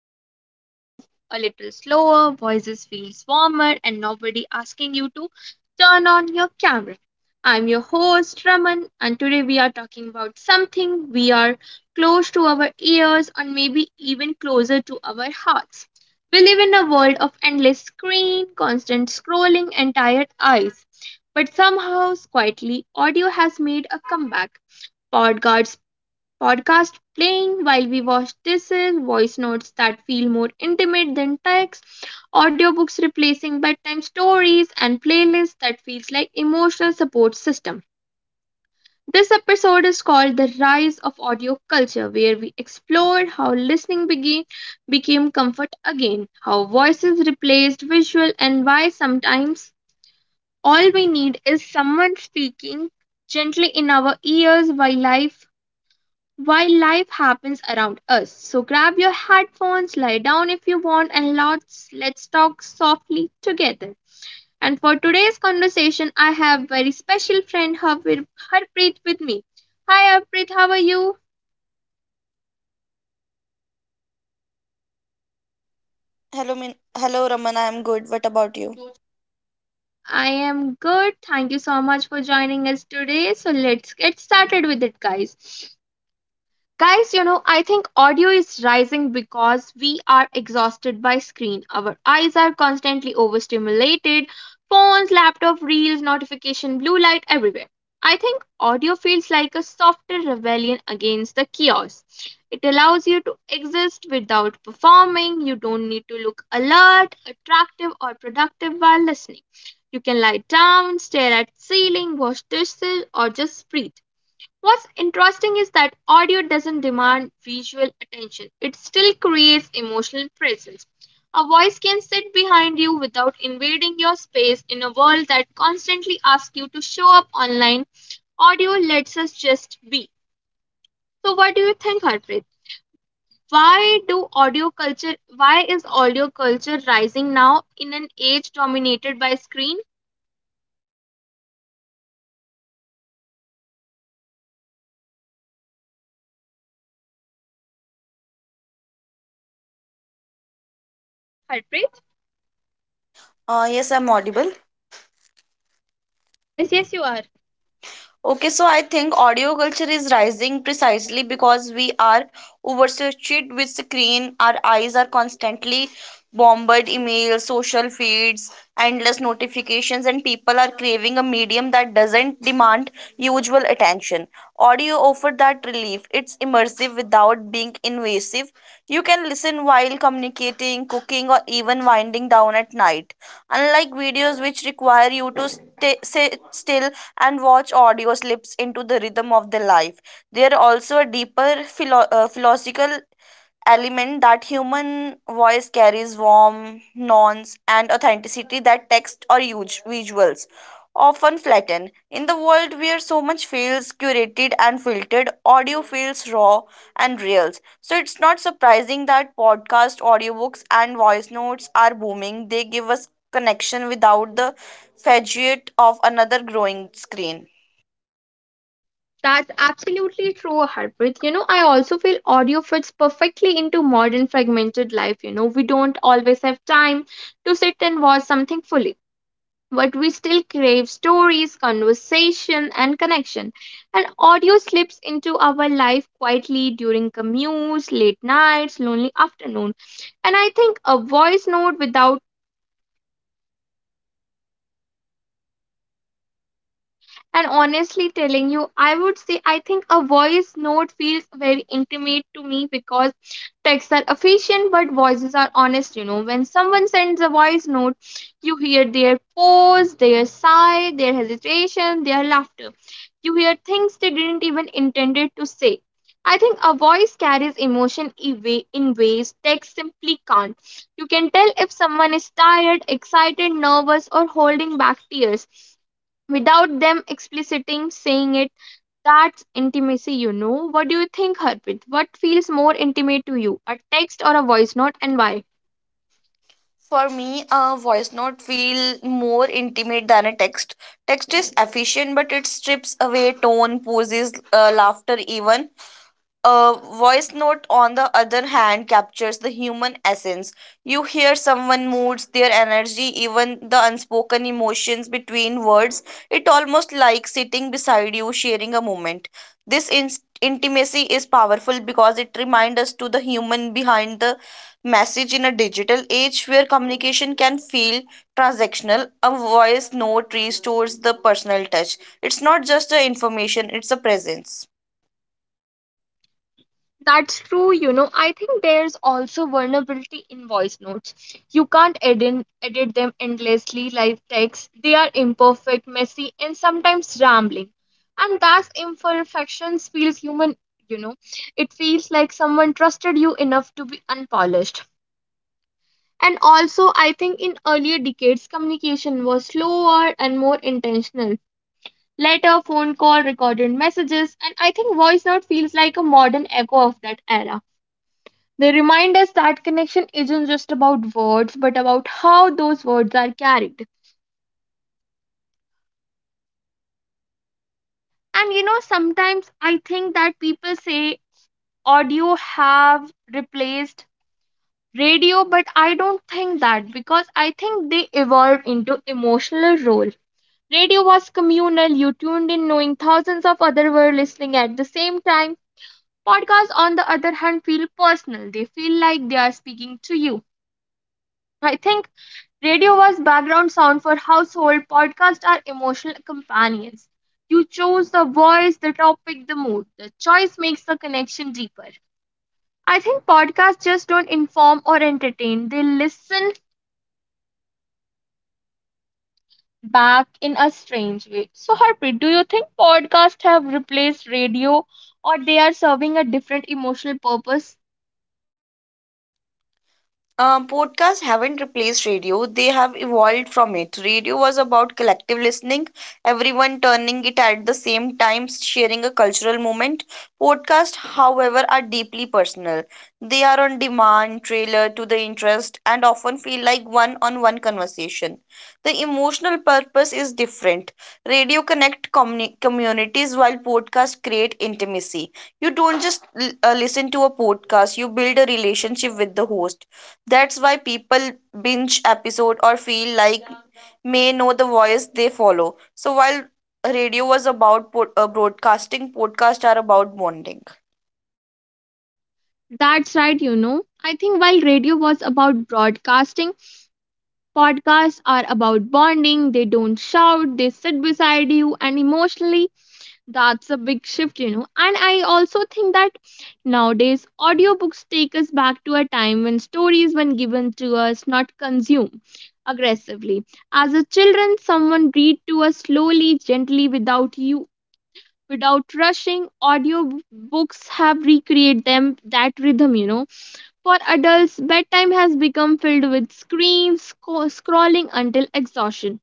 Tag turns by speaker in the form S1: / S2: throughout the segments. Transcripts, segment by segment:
S1: where times move a little slower, voices feel warmer, and nobody asking you to turn on your camera. I'm your host, Raman, and today we are talking about something we are close to our ears and maybe even closer to our hearts. We live in a world of endless screen, constant scrolling, and tired eyes. But somehow, quietly, audio has made a comeback. Podcasts podcast playing while we wash dishes, voice notes that feel more intimate than text, audiobooks replacing bedtime stories, and playlists that feels like emotional support system. This episode is called The Rise of Audio Culture, where we explored how listening began, became comfort again, how voices replaced visual, and why sometimes all we need is someone speaking gently in our ears while life happens around us. So grab your headphones, lie down if you want, and let's talk softly together. And for today's conversation, I have very special friend Harpreet with me. Hi Harpreet, how are you?
S2: Hello, Hello, Raman. I'm good. What about you?
S1: I am good. Thank you so much for joining us today. So let's get started with it, guys. Guys, you know, I think audio is rising because we are exhausted by screen. Our eyes are constantly overstimulated. Phones, laptop, reels, notification, blue light everywhere. I think audio feels like a softer rebellion against the chaos. It allows you to exist without performing. You don't need to look alert, attractive, or productive while listening. You can lie down, stare at ceiling, wash dishes, or just breathe. What's interesting is that audio doesn't demand visual attention. It still creates emotional presence. A voice can sit behind you without invading your space in a world that constantly asks you to show up online. Audio lets us just be. So what do you think, Harpreet? Why is audio culture rising now in an age dominated by screen? Harpreet?
S2: Yes, I'm audible.
S1: Yes, yes you are.
S2: Okay, so I think audio culture is rising precisely because we are oversaturated with screen. Our eyes are constantly bombarded emails, social feeds, endless notifications, and people are craving a medium that doesn't demand usual attention. Audio offers that relief. It's immersive without being invasive. You can listen while communicating, cooking, or even winding down at night. Unlike videos which require you to stay, sit still and watch audio slips into the rhythm of their life. There are also a deeper philosophical element that human voice carries warmth, nuance, and authenticity that text or huge visuals often flatten. In the world where so much feels curated and filtered, audio feels raw and real. So it's not surprising that podcast, audiobooks, and voice notes are booming. They give us connection without the fadget of another growing screen.
S1: That's absolutely true, Harpreet. You know, I also feel audio fits perfectly into modern fragmented life. You know, we don't always have time to sit and watch something fully, but we still crave stories, conversation, and connection. And audio slips into our life quietly during commutes, late nights, lonely afternoon. And I think a voice note without And honestly telling you, I would say I think a voice note feels very intimate to me because texts are efficient, but voices are honest. You know, when someone sends a voice note, you hear their pause, their sigh, their hesitation, their laughter. You hear things they didn't even intended to say. I think a voice carries emotion in ways text simply can't. You can tell if someone is tired, excited, nervous, or holding back tears without them expliciting saying it. That's intimacy, you know? What do you think, Harpreet? What feels more intimate to you, a text or a voice note, and why?
S2: For me, a voice note feel more intimate than a text. Text is efficient, but it strips away tone, poses, laughter, even a voice note, on the other hand, captures the human essence. You hear someone moods, their energy, even the unspoken emotions between words. It almost like sitting beside you, sharing a moment. This in- intimacy is powerful because it reminds us to the human behind the message in a digital age where communication can feel transactional. A voice note restores the personal touch. It's not just a information; it's a presence.
S1: That's true, you know, I think there's also vulnerability in voice notes. You can't edit them endlessly like text. They are imperfect, messy, and sometimes rambling, and that imperfections feels human, you know. It feels like someone trusted you enough to be unpolished. And also, I think in earlier decades, communication was slower and more intentional. Letter, phone call, recorded messages, and I think voice note feels like a modern echo of that era. They remind us that connection isn't just about words, but about how those words are carried. And you know, sometimes I think that people say audio have replaced radio, but I don't think that because I think they evolved into emotional role. Radio was communal. You tuned in knowing thousands of others were listening at the same time. Podcasts, on the other hand, feel personal. They feel like they are speaking to you. I think radio was background sound for household. Podcasts are emotional companions. You chose the voice, the topic, the mood. The choice makes the connection deeper. I think podcasts just don't inform or entertain. They listen back in a strange way. So, Harpreet, do you think podcasts have replaced radio or they are serving a different emotional purpose?
S2: Podcasts haven't replaced radio, they have evolved from it. Radio was about collective listening, everyone turning it at the same time, sharing a cultural moment. Podcasts, however, are deeply personal. They are on demand, trailer to the interest, and often feel like one on one conversation. The emotional purpose is different. Radio connect communities while podcasts create intimacy. You don't just listen to a podcast, you build a relationship with the host, that's why people binge episode or feel like may know the voice they follow. So while radio was about broadcasting, podcasts are about bonding.
S1: That's right, you know. I think while radio was about broadcasting, podcasts are about bonding. They don't shout, they sit beside you, and emotionally. That's a big shift, you know. And I also think that nowadays audiobooks take us back to a time when stories were given to us, not consumed aggressively. As a children, someone read to us slowly, gently, without rushing. Audiobooks have recreated them that rhythm, you know. For adults, bedtime has become filled with screens, scrolling until exhaustion.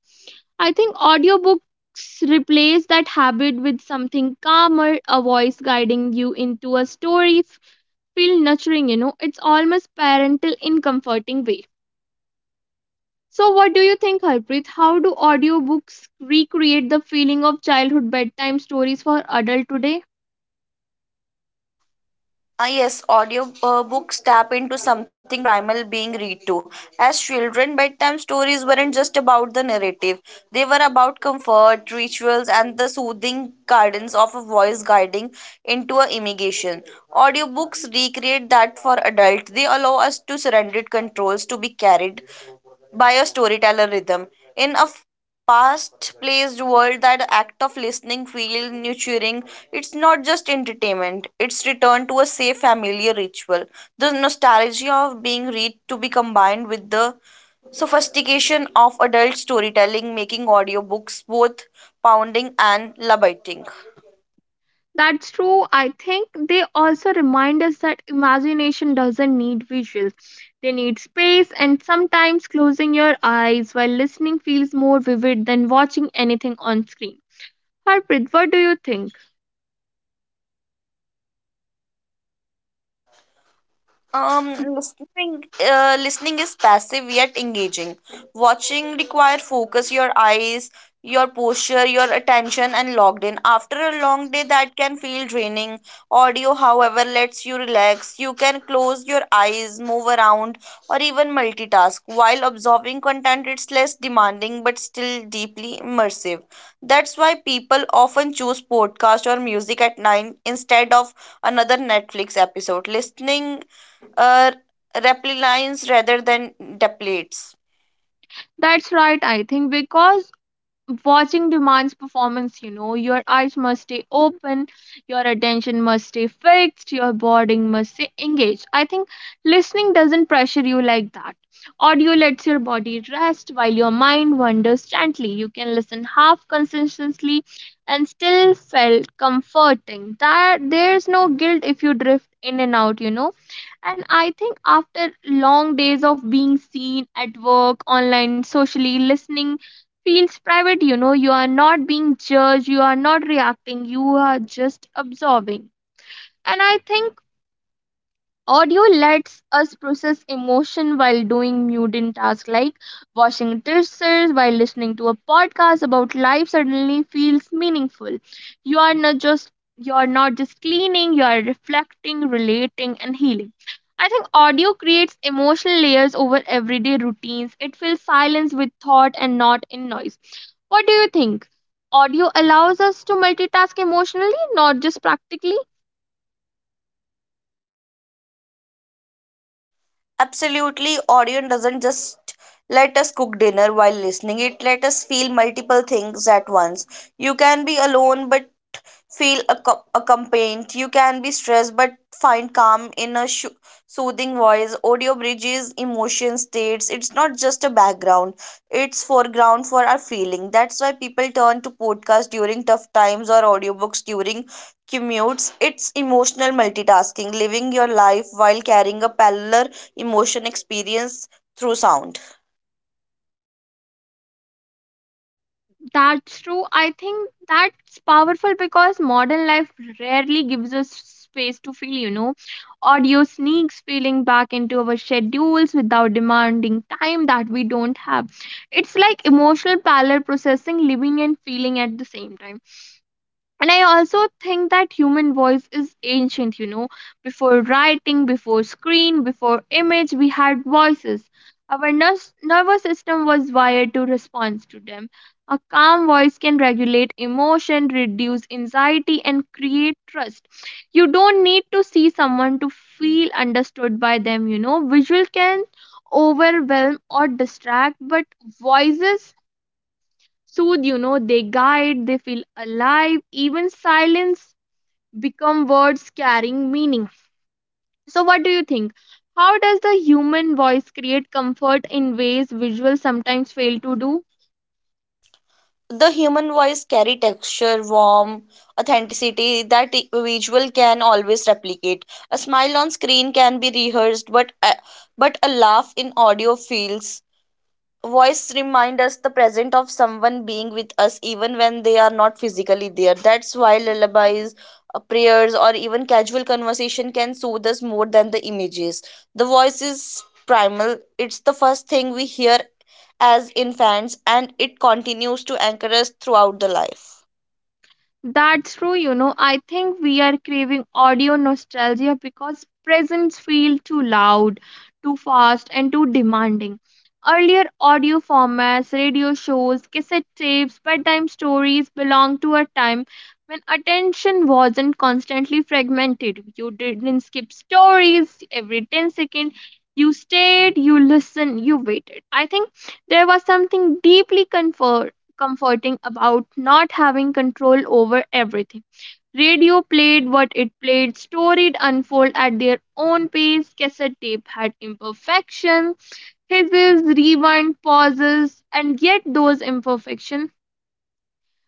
S1: I think audiobooks replace that habit with something calmer, a voice guiding you into a story, feel nurturing, you know. It's almost parental in comforting way. So what do you think, Harpreet? How do audiobooks recreate the feeling of childhood bedtime stories for adult today?
S2: Ah yes, audio books tap into something primal being read to. As children, bedtime stories weren't just about the narrative, they were about comfort, rituals, and the soothing guidance of a voice guiding into a immigration. Audiobooks recreate that for adults. They allow us to surrender controls to be carried by a storyteller rhythm. In a fast paced world, that act of listening feels nurturing. It's not just entertainment, it's returned to a safe familiar ritual. The nostalgia of being read to be combined with the sophistication of adult storytelling, making audiobooks both pounding and labiting.
S1: That's true. I think they also remind us that imagination doesn't need visuals. They need space, and sometimes closing your eyes while listening feels more vivid than watching anything on screen. Harpreet, what do you think?
S2: Um, listening, listening is passive yet engaging. Watching require focus, your eyes, your posture, your attention, and logged in. After a long day, that can feel draining. Audio, however, lets you relax. You can close your eyes, move around, or even multitask. While absorbing content, it's less demanding but still deeply immersive. That's why people often choose podcast or music at night instead of another Netflix episode. Listening uh, replicants rather than depletes.
S1: That's right, I think, because watching demands performance, you know. Your eyes must stay open, your attention must stay fixed, your body must stay engaged. I think listening doesn't pressure you like that. Audio lets your body rest while your mind wanders gently. You can listen half consistently and still felt comforting, that there's no guilt if you drift in and out, you know. And I think after long days of being seen at work, online, socially, listening feels private, you know, you are not being judged, you are not reacting, you are just absorbing. And I think audio lets us process emotion while doing mundane tasks like washing dishes, while listening to a podcast about life suddenly feels meaningful. You are not just you are not just cleaning, you are reflecting, relating and healing. I think audio creates emotional layers over everyday routines. It fills silence with thought and not in noise. What do you think? Audio allows us to multitask emotionally, not just practically.
S2: Absolutely, audio doesn't just let us cook dinner while listening. It let us feel multiple things at once. You can be alone, but feel accompanied. You can be stressed but find calm in a soothing voice. Audio bridges emotion states. It's not just a background, it's foreground for our feeling. That's why people turn to podcasts during tough times or audiobooks during commutes. It's emotional multitasking, living your life while carrying a parallel emotion experience through sound.
S1: That's true. I think that's powerful because modern life rarely gives us space to feel, you know. Audio sneaks feeling back into our schedules without demanding time that we don't have. It's like emotional parallel processing, living and feeling at the same time. And I also think that human voice is ancient, you know. Before writing, before screen, before image, we had voices. Our nervous system was wired to respond to them. A calm voice can regulate emotion, reduce anxiety, and create trust. You don't need to see someone to feel understood by them, you know. Visual can overwhelm or distract, but voices soothe, you know, they guide, they feel alive. Even silence become words carrying meaning. So what do you think? How does the human voice create comfort in ways visual sometimes fail to do?
S2: The human voice carry texture, warmth, authenticity that visual can always replicate. A smile on screen can be rehearsed, but a laugh in audio feels. Voice remind us the presence of someone being with us even when they are not physically there. That's why lullabies, prayers, or even casual conversation can soothe us more than the images. The voice is primal. It's the first thing we hear as infants, and it continues to anchor us throughout the life.
S1: That's true, you know. I think we are craving audio nostalgia because presents feel too loud, too fast, and too demanding. Earlier audio formats, radio shows, cassette tapes, bedtime stories belonged to a time when attention wasn't constantly fragmented. You didn't skip stories every 10 seconds. You stayed, you listened, you waited. I think there was something deeply comfort comforting about not having control over everything. Radio played what it played, storied unfold at their own pace. Cassette tape had imperfections, hisses, rewind, pauses, and yet those imperfections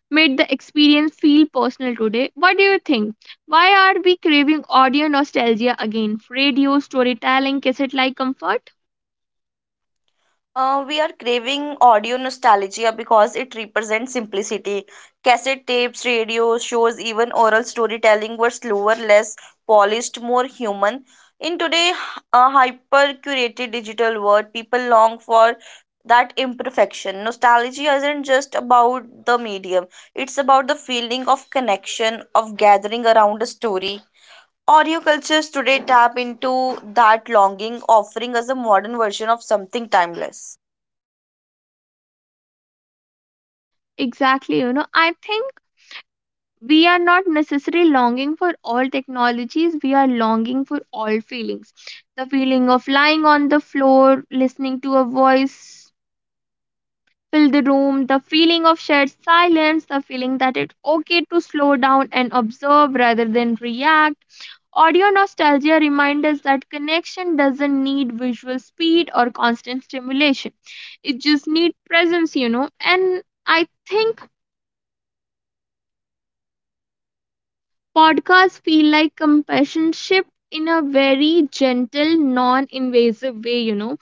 S1: made the experience feel personal today. What do you think? Why are we craving audio nostalgia again? Radio, storytelling, cassette like comfort?
S2: We are craving audio nostalgia because it represents simplicity. Cassette tapes, radio shows, even oral storytelling were slower, less polished, more human. In today's hyper curated digital world, people long for that imperfection. Nostalgia isn't just about the medium, it's about the feeling of connection, of gathering around a story. Audio cultures today tap into that longing, offering us a modern version of something timeless.
S1: Exactly, you know, I think we are not necessarily longing for all technologies, we are longing for all feelings. The feeling of lying on the floor listening to a voice fill the room, the feeling of shared silence, the feeling that it's okay to slow down and observe rather than react. Audio nostalgia reminds us that connection doesn't need visual speed or constant stimulation, it just needs presence, you know. And I think podcasts feel like companionship in a very gentle, non invasive way, you know.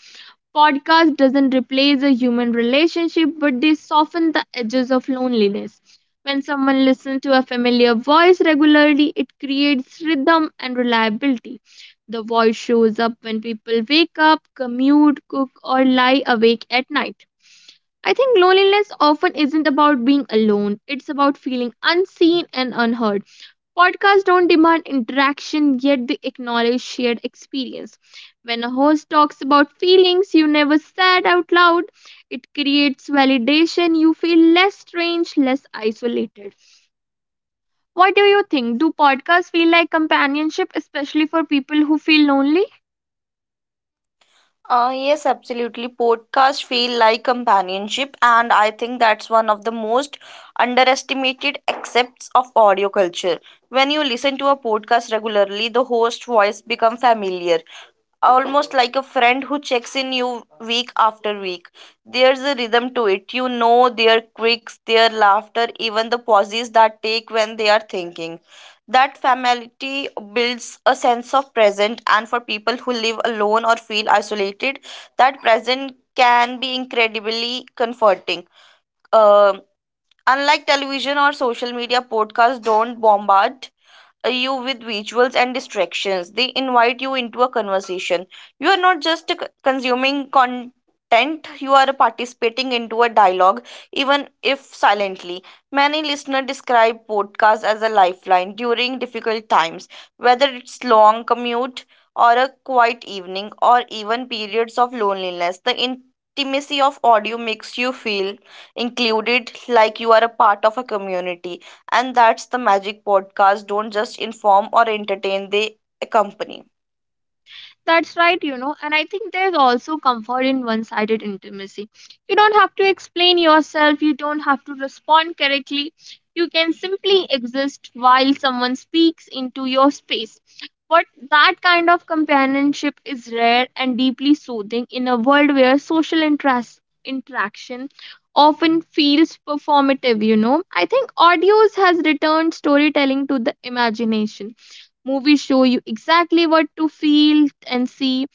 S1: Podcast doesn't replace a human relationship, but they soften the edges of loneliness. When someone listens to a familiar voice regularly, it creates rhythm and reliability. The voice shows up when people wake up, commute, cook, or lie awake at night. I think loneliness often isn't about being alone, it's about feeling unseen and unheard. Podcasts don't demand interaction, yet they acknowledge shared experience. When a host talks about feelings you never said out loud, it creates validation. You feel less strange, less isolated. What do you think? Do podcasts feel like companionship, especially for people who feel lonely?
S2: Yes, absolutely. Podcasts feel like companionship, and I think that's one of the most underestimated aspects of audio culture. When you listen to a podcast regularly, the host voice become familiar, almost like a friend who checks in you week after week. There's a rhythm to it. You know their quirks, their laughter, even the pauses that take when they are thinking. That familiarity builds a sense of present, and for people who live alone or feel isolated, that present can be incredibly comforting. Um Unlike television or social media, podcasts don't bombard you with visuals and distractions. They invite you into a conversation. You are not just consuming content, you are participating into a dialogue, even if silently. Many listeners describe podcasts as a lifeline during difficult times, whether it's long commute or a quiet evening or even periods of loneliness. The intimacy of audio makes you feel included like you are a part of a community, and that's the magic. Podcast don't just inform or entertain, they accompany.
S1: That's right, you know, and I think there's also comfort in one sided intimacy. You don't have to explain yourself, you don't have to respond correctly. You can simply exist while someone speaks into your space. But that kind of companionship is rare and deeply soothing in a world where social interaction often feels performative, you know. I think audios has returned storytelling to the imagination. Movies show you exactly what to feel and see.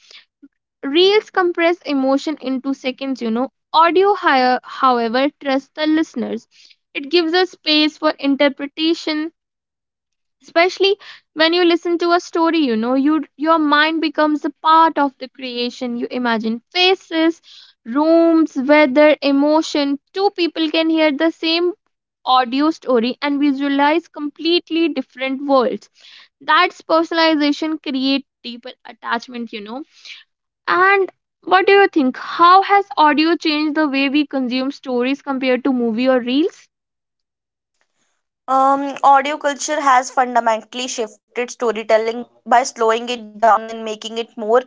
S1: Reels compress emotion into seconds, you know. Audio, however, trusts the listeners. It gives us space for interpretation, especially when you listen to a story, you know, your mind becomes a part of the creation. You imagine faces, rooms, weather, emotion. Two people can hear the same audio story and visualize completely different worlds. That's personalization create deeper attachment, you know. And what do you think? How has audio changed the way we consume stories compared to movie or reels?
S2: Audio culture has fundamentally shifted storytelling by slowing it down and making it more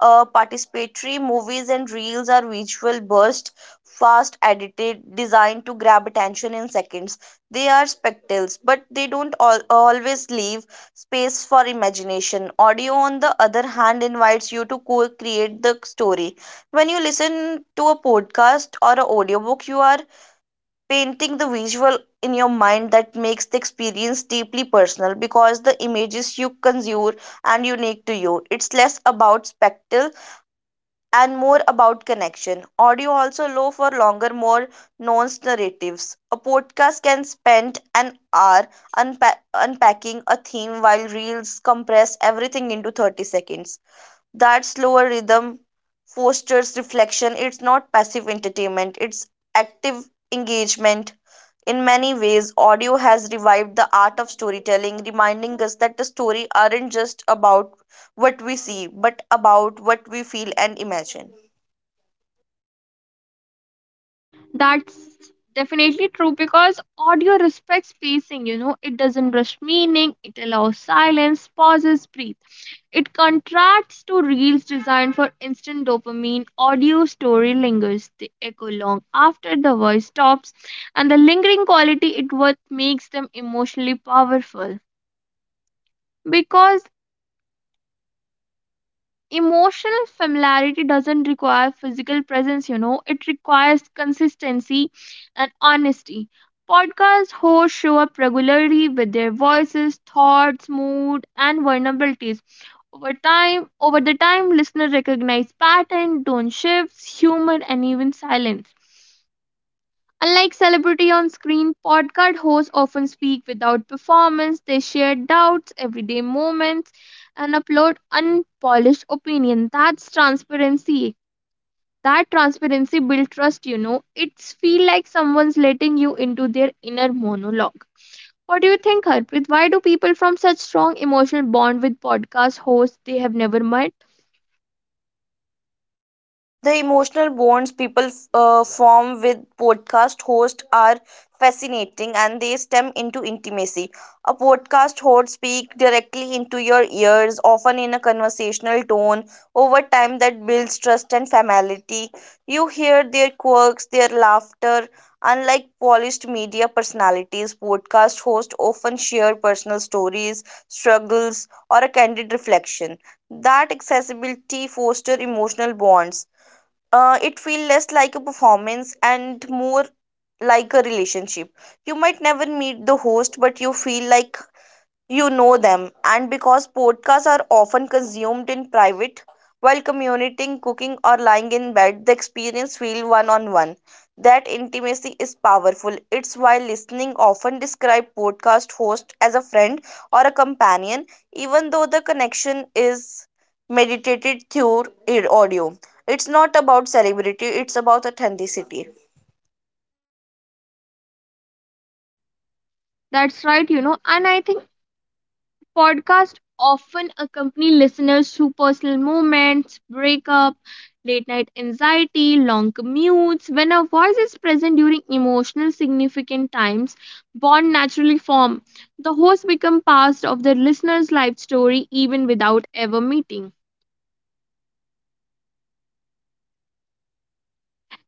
S2: participatory. Movies and reels are visual bursts, fast edited, designed to grab attention in seconds. They are spectacles, but they don't always leave space for imagination. Audio, on the other hand, invites you to co create the story. When you listen to a podcast or an audiobook, you are painting the visual in your mind. That makes the experience deeply personal because the images you consume and unique to you. It's less about spectacle and more about connection. Audio also low for longer, more nuanced narratives. A podcast can spend an hour unpacking a theme while reels compress everything into 30 seconds. That slower rhythm fosters reflection. It's not passive entertainment, it's active engagement. In many ways, audio has revived the art of storytelling, reminding us that the story aren't just about what we see, but about what we feel and imagine.
S1: That's definitely true because audio respects spacing, you know, it doesn't rush meaning, it allows silence, pauses, breathe. It contrasts to reels designed for instant dopamine. Audio story lingers, they echo long after the voice stops, and the lingering quality it what makes them emotionally powerful. Because emotional familiarity doesn't require physical presence, you know, it requires consistency and honesty. Podcast hosts show up regularly with their voices, thoughts, mood and vulnerabilities. Over the time listeners recognize pattern, tone shifts, humor and even silence. Unlike celebrity on screen, podcast hosts often speak without performance. They share doubts, everyday moments, and upload unpolished opinion. That's transparency. That transparency builds trust, you know. It's feel like someone's letting you into their inner monologue. What do you think, Harpreet? Why do people from such strong emotional bond with podcast hosts they have never met?
S2: The emotional bonds people form with podcast hosts are fascinating, and they stem into intimacy. A podcast host speaks directly into your ears, often in a conversational tone. Over time, that builds trust and familiarity. You hear their quirks, their laughter. Unlike polished media personalities, podcast hosts often share personal stories, struggles, or a candid reflection. That accessibility fosters emotional bonds. It feel less like a performance and more like a relationship. You might never meet the host, but you feel like you know them. And because podcasts are often consumed in private, while commuting, cooking, or lying in bed, the experience feel one on one. That intimacy is powerful. It's why listening often describe podcast host as a friend or a companion, even though the connection is meditated through audio. It's not about celebrity, it's about authenticity.
S1: That's right, you know, and I think podcasts often accompany listeners through personal moments, breakup, late night anxiety, long commutes. When a voice is present during emotional significant times, bond naturally form. The host become part of the listener's life story even without ever meeting.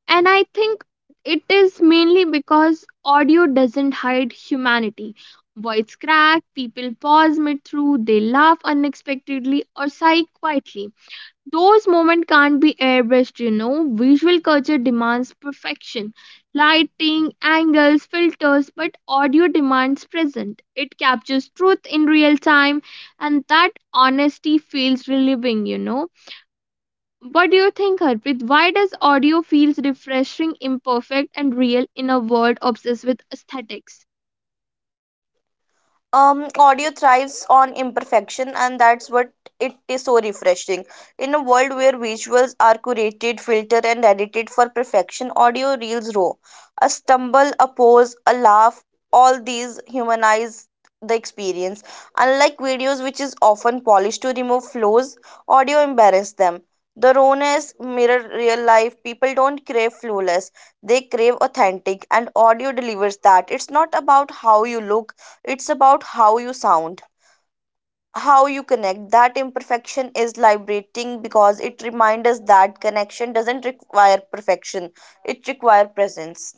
S1: And I think it is mainly because audio doesn't hide humanity. Voice crack, people pause mid through, they laugh unexpectedly or sigh quietly. Those moments can't be airbrushed, you know. Visual culture demands perfection. Lighting, angles, filters, but audio demands present. It captures truth in real time, and that honesty feels relieving, you know. What do you think, Harpreet? Why does audio feels refreshing, imperfect, and real in a world obsessed with aesthetics?
S2: Audio thrives on imperfection, and that's what it is so refreshing. In a world where visuals are curated, filtered, and edited for perfection, audio reels raw. A stumble, a pause, a laugh, all these humanize the experience. Unlike videos which is often polished to remove flaws, audio embarrass them. The rawness mirror real life. People don't crave flawless, they crave authentic, and audio delivers that. It's not about how you look, it's about how you sound, how you connect. That imperfection is liberating because it reminds us that connection doesn't require perfection, it requires presence.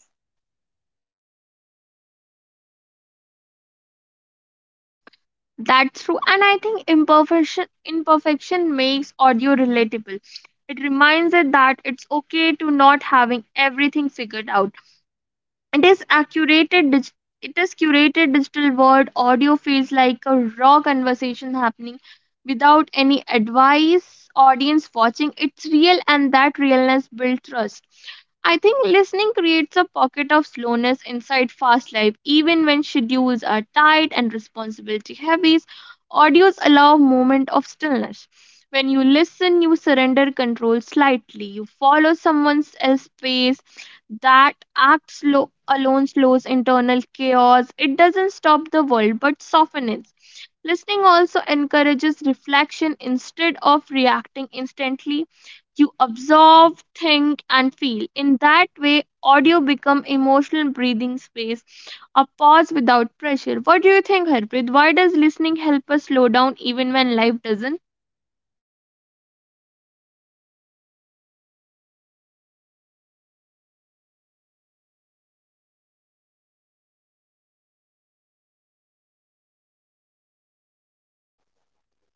S1: That's true. And I think imperfection makes audio relatable. It reminds us that it's okay to not having everything figured out. It is a curated dig- it is curated digital world. Audio feels like a raw conversation happening without any advice, audience watching. It's real and that realness builds trust. I think listening creates a pocket of slowness inside fast life, even when schedules are tight and responsibility heavy. Audios allow a moment of stillness. When you listen, you surrender control slightly. You follow someone else's pace. That act slow, alone slows internal chaos. It doesn't stop the world, but softens it. Listening also encourages reflection instead of reacting instantly. You observe, think, and feel. In that way, audio become emotional breathing space, a pause without pressure. What do you think, Harpreet? Why does listening help us slow down even when life doesn't?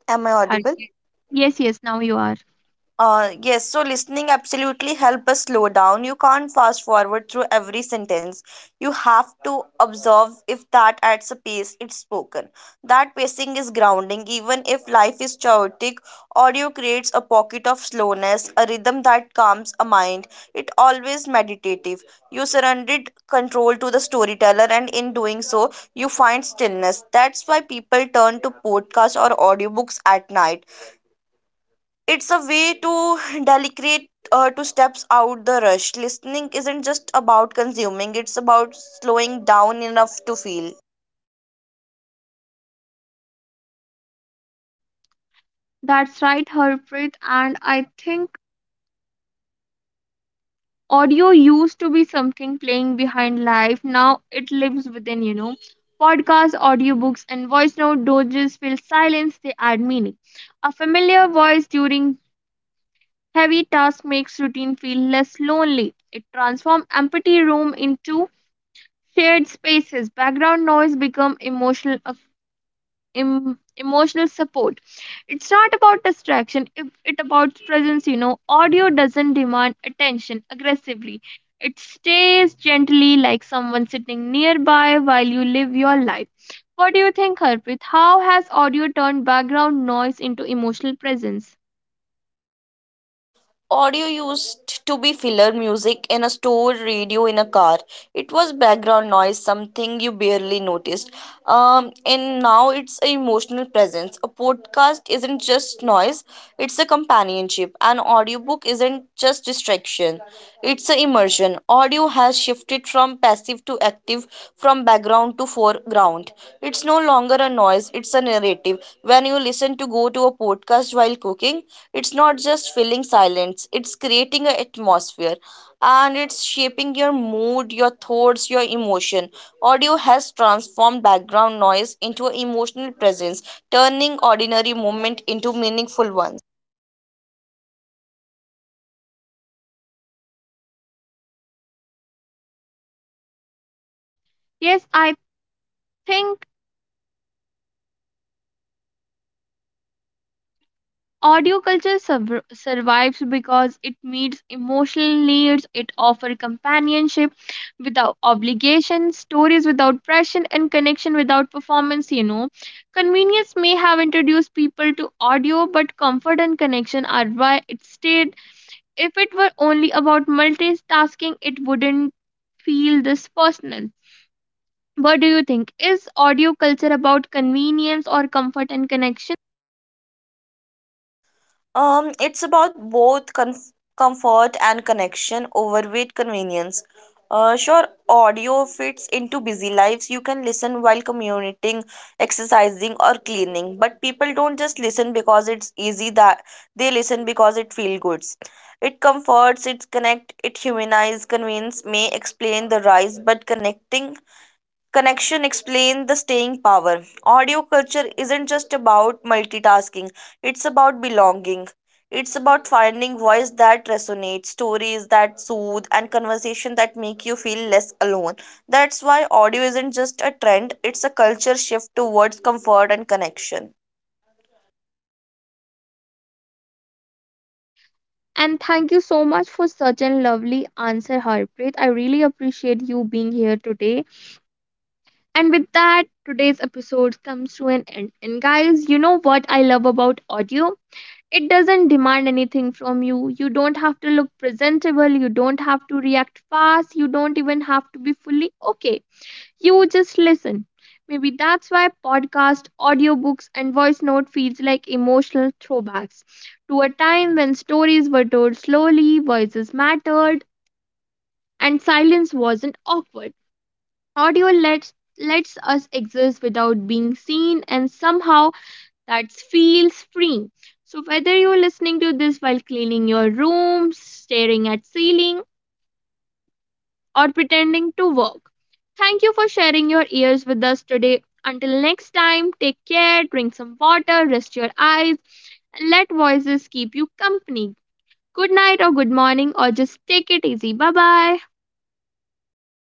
S2: Am I
S1: Hurt?
S2: audible?
S1: Yes, yes, now you are.
S2: Yes, so listening absolutely help us slow down. You can't fast forward through every sentence. You have to observe if that adds a pace it's spoken. That pacing is grounding, even if life is chaotic. Audio creates a pocket of slowness, a rhythm that calms a mind. It always meditative. You surrendered control to the storyteller, and in doing so, you find stillness. That's why people turn to podcasts or audiobooks at night. It's a way to delicate to steps out the rush. Listening isn't just about consuming, it's about slowing down enough to feel.
S1: That's right, Harpreet. And I think audio used to be something playing behind life. Now it lives within, you know. Podcasts, audiobooks, and voice note don't just fill silence, they add meaning. A familiar voice during heavy task makes routine feel less lonely. It transforms empty room into shared spaces. Background noise become emotional support. It's not about distraction, it about presence, you know. Audio doesn't demand attention aggressively. It stays gently like someone sitting nearby while you live your life. What do you think, Harpreet? How has audio turned background noise into emotional presence?
S2: Audio used to be filler music in a store, radio in a car. It was background noise, something you barely noticed. And now it's an emotional presence. A podcast isn't just noise, it's a companionship. An audiobook isn't just distraction, it's an immersion. Audio has shifted from passive to active, from background to foreground. It's no longer a noise, it's a narrative. When you listen to go to a podcast while cooking, it's not just filling silence, it's creating an atmosphere, and it's shaping your mood, your thoughts, your emotion. Audio has transformed background noise into an emotional presence, turning ordinary moment into meaningful one.
S1: Yes, I think audio survives because it meets emotional needs, it offers companionship without obligation, stories without pressure, and connection without performance. You know, convenience may have introduced people to audio, but comfort and connection are why it stayed. If it were only about multitasking, it wouldn't feel this personal. What do you think? Is audio culture about convenience or comfort and connection?
S2: It's about both comfort and connection over with convenience. Sure, audio fits into busy lives. You can listen while commuting, exercising, or cleaning. But people don't just listen because it's easy. That they listen because it feels good. It comforts. It connect. It humanize. Convenience may explain the rise, but connecting connection explain the staying power. Audio culture isn't just about multitasking, it's about belonging. It's about finding voice that resonates, stories that soothe, and conversation that make you feel less alone. That's why audio isn't just a trend, it's a culture shift towards comfort and connection.
S1: And thank you so much for such a lovely answer, Harpreet. I really appreciate you being here today. And with that, today's episode comes to an end. And guys, you know what I love about audio? It doesn't demand anything from you. You don't have to look presentable. You don't have to react fast. You don't even have to be fully okay. You just listen. Maybe that's why podcast, audiobooks and voice note feels like emotional throwbacks to a time when stories were told slowly, voices mattered and silence wasn't awkward. Audio lets us exist without being seen and somehow that feels freeing. So whether you're listening to this while cleaning your room, staring at ceiling or pretending to work. Thank you for sharing your ears with us today. Until next time, take care, drink some water, rest your eyes, and let voices keep you company. Good night or good morning, or just take it easy. Bye bye.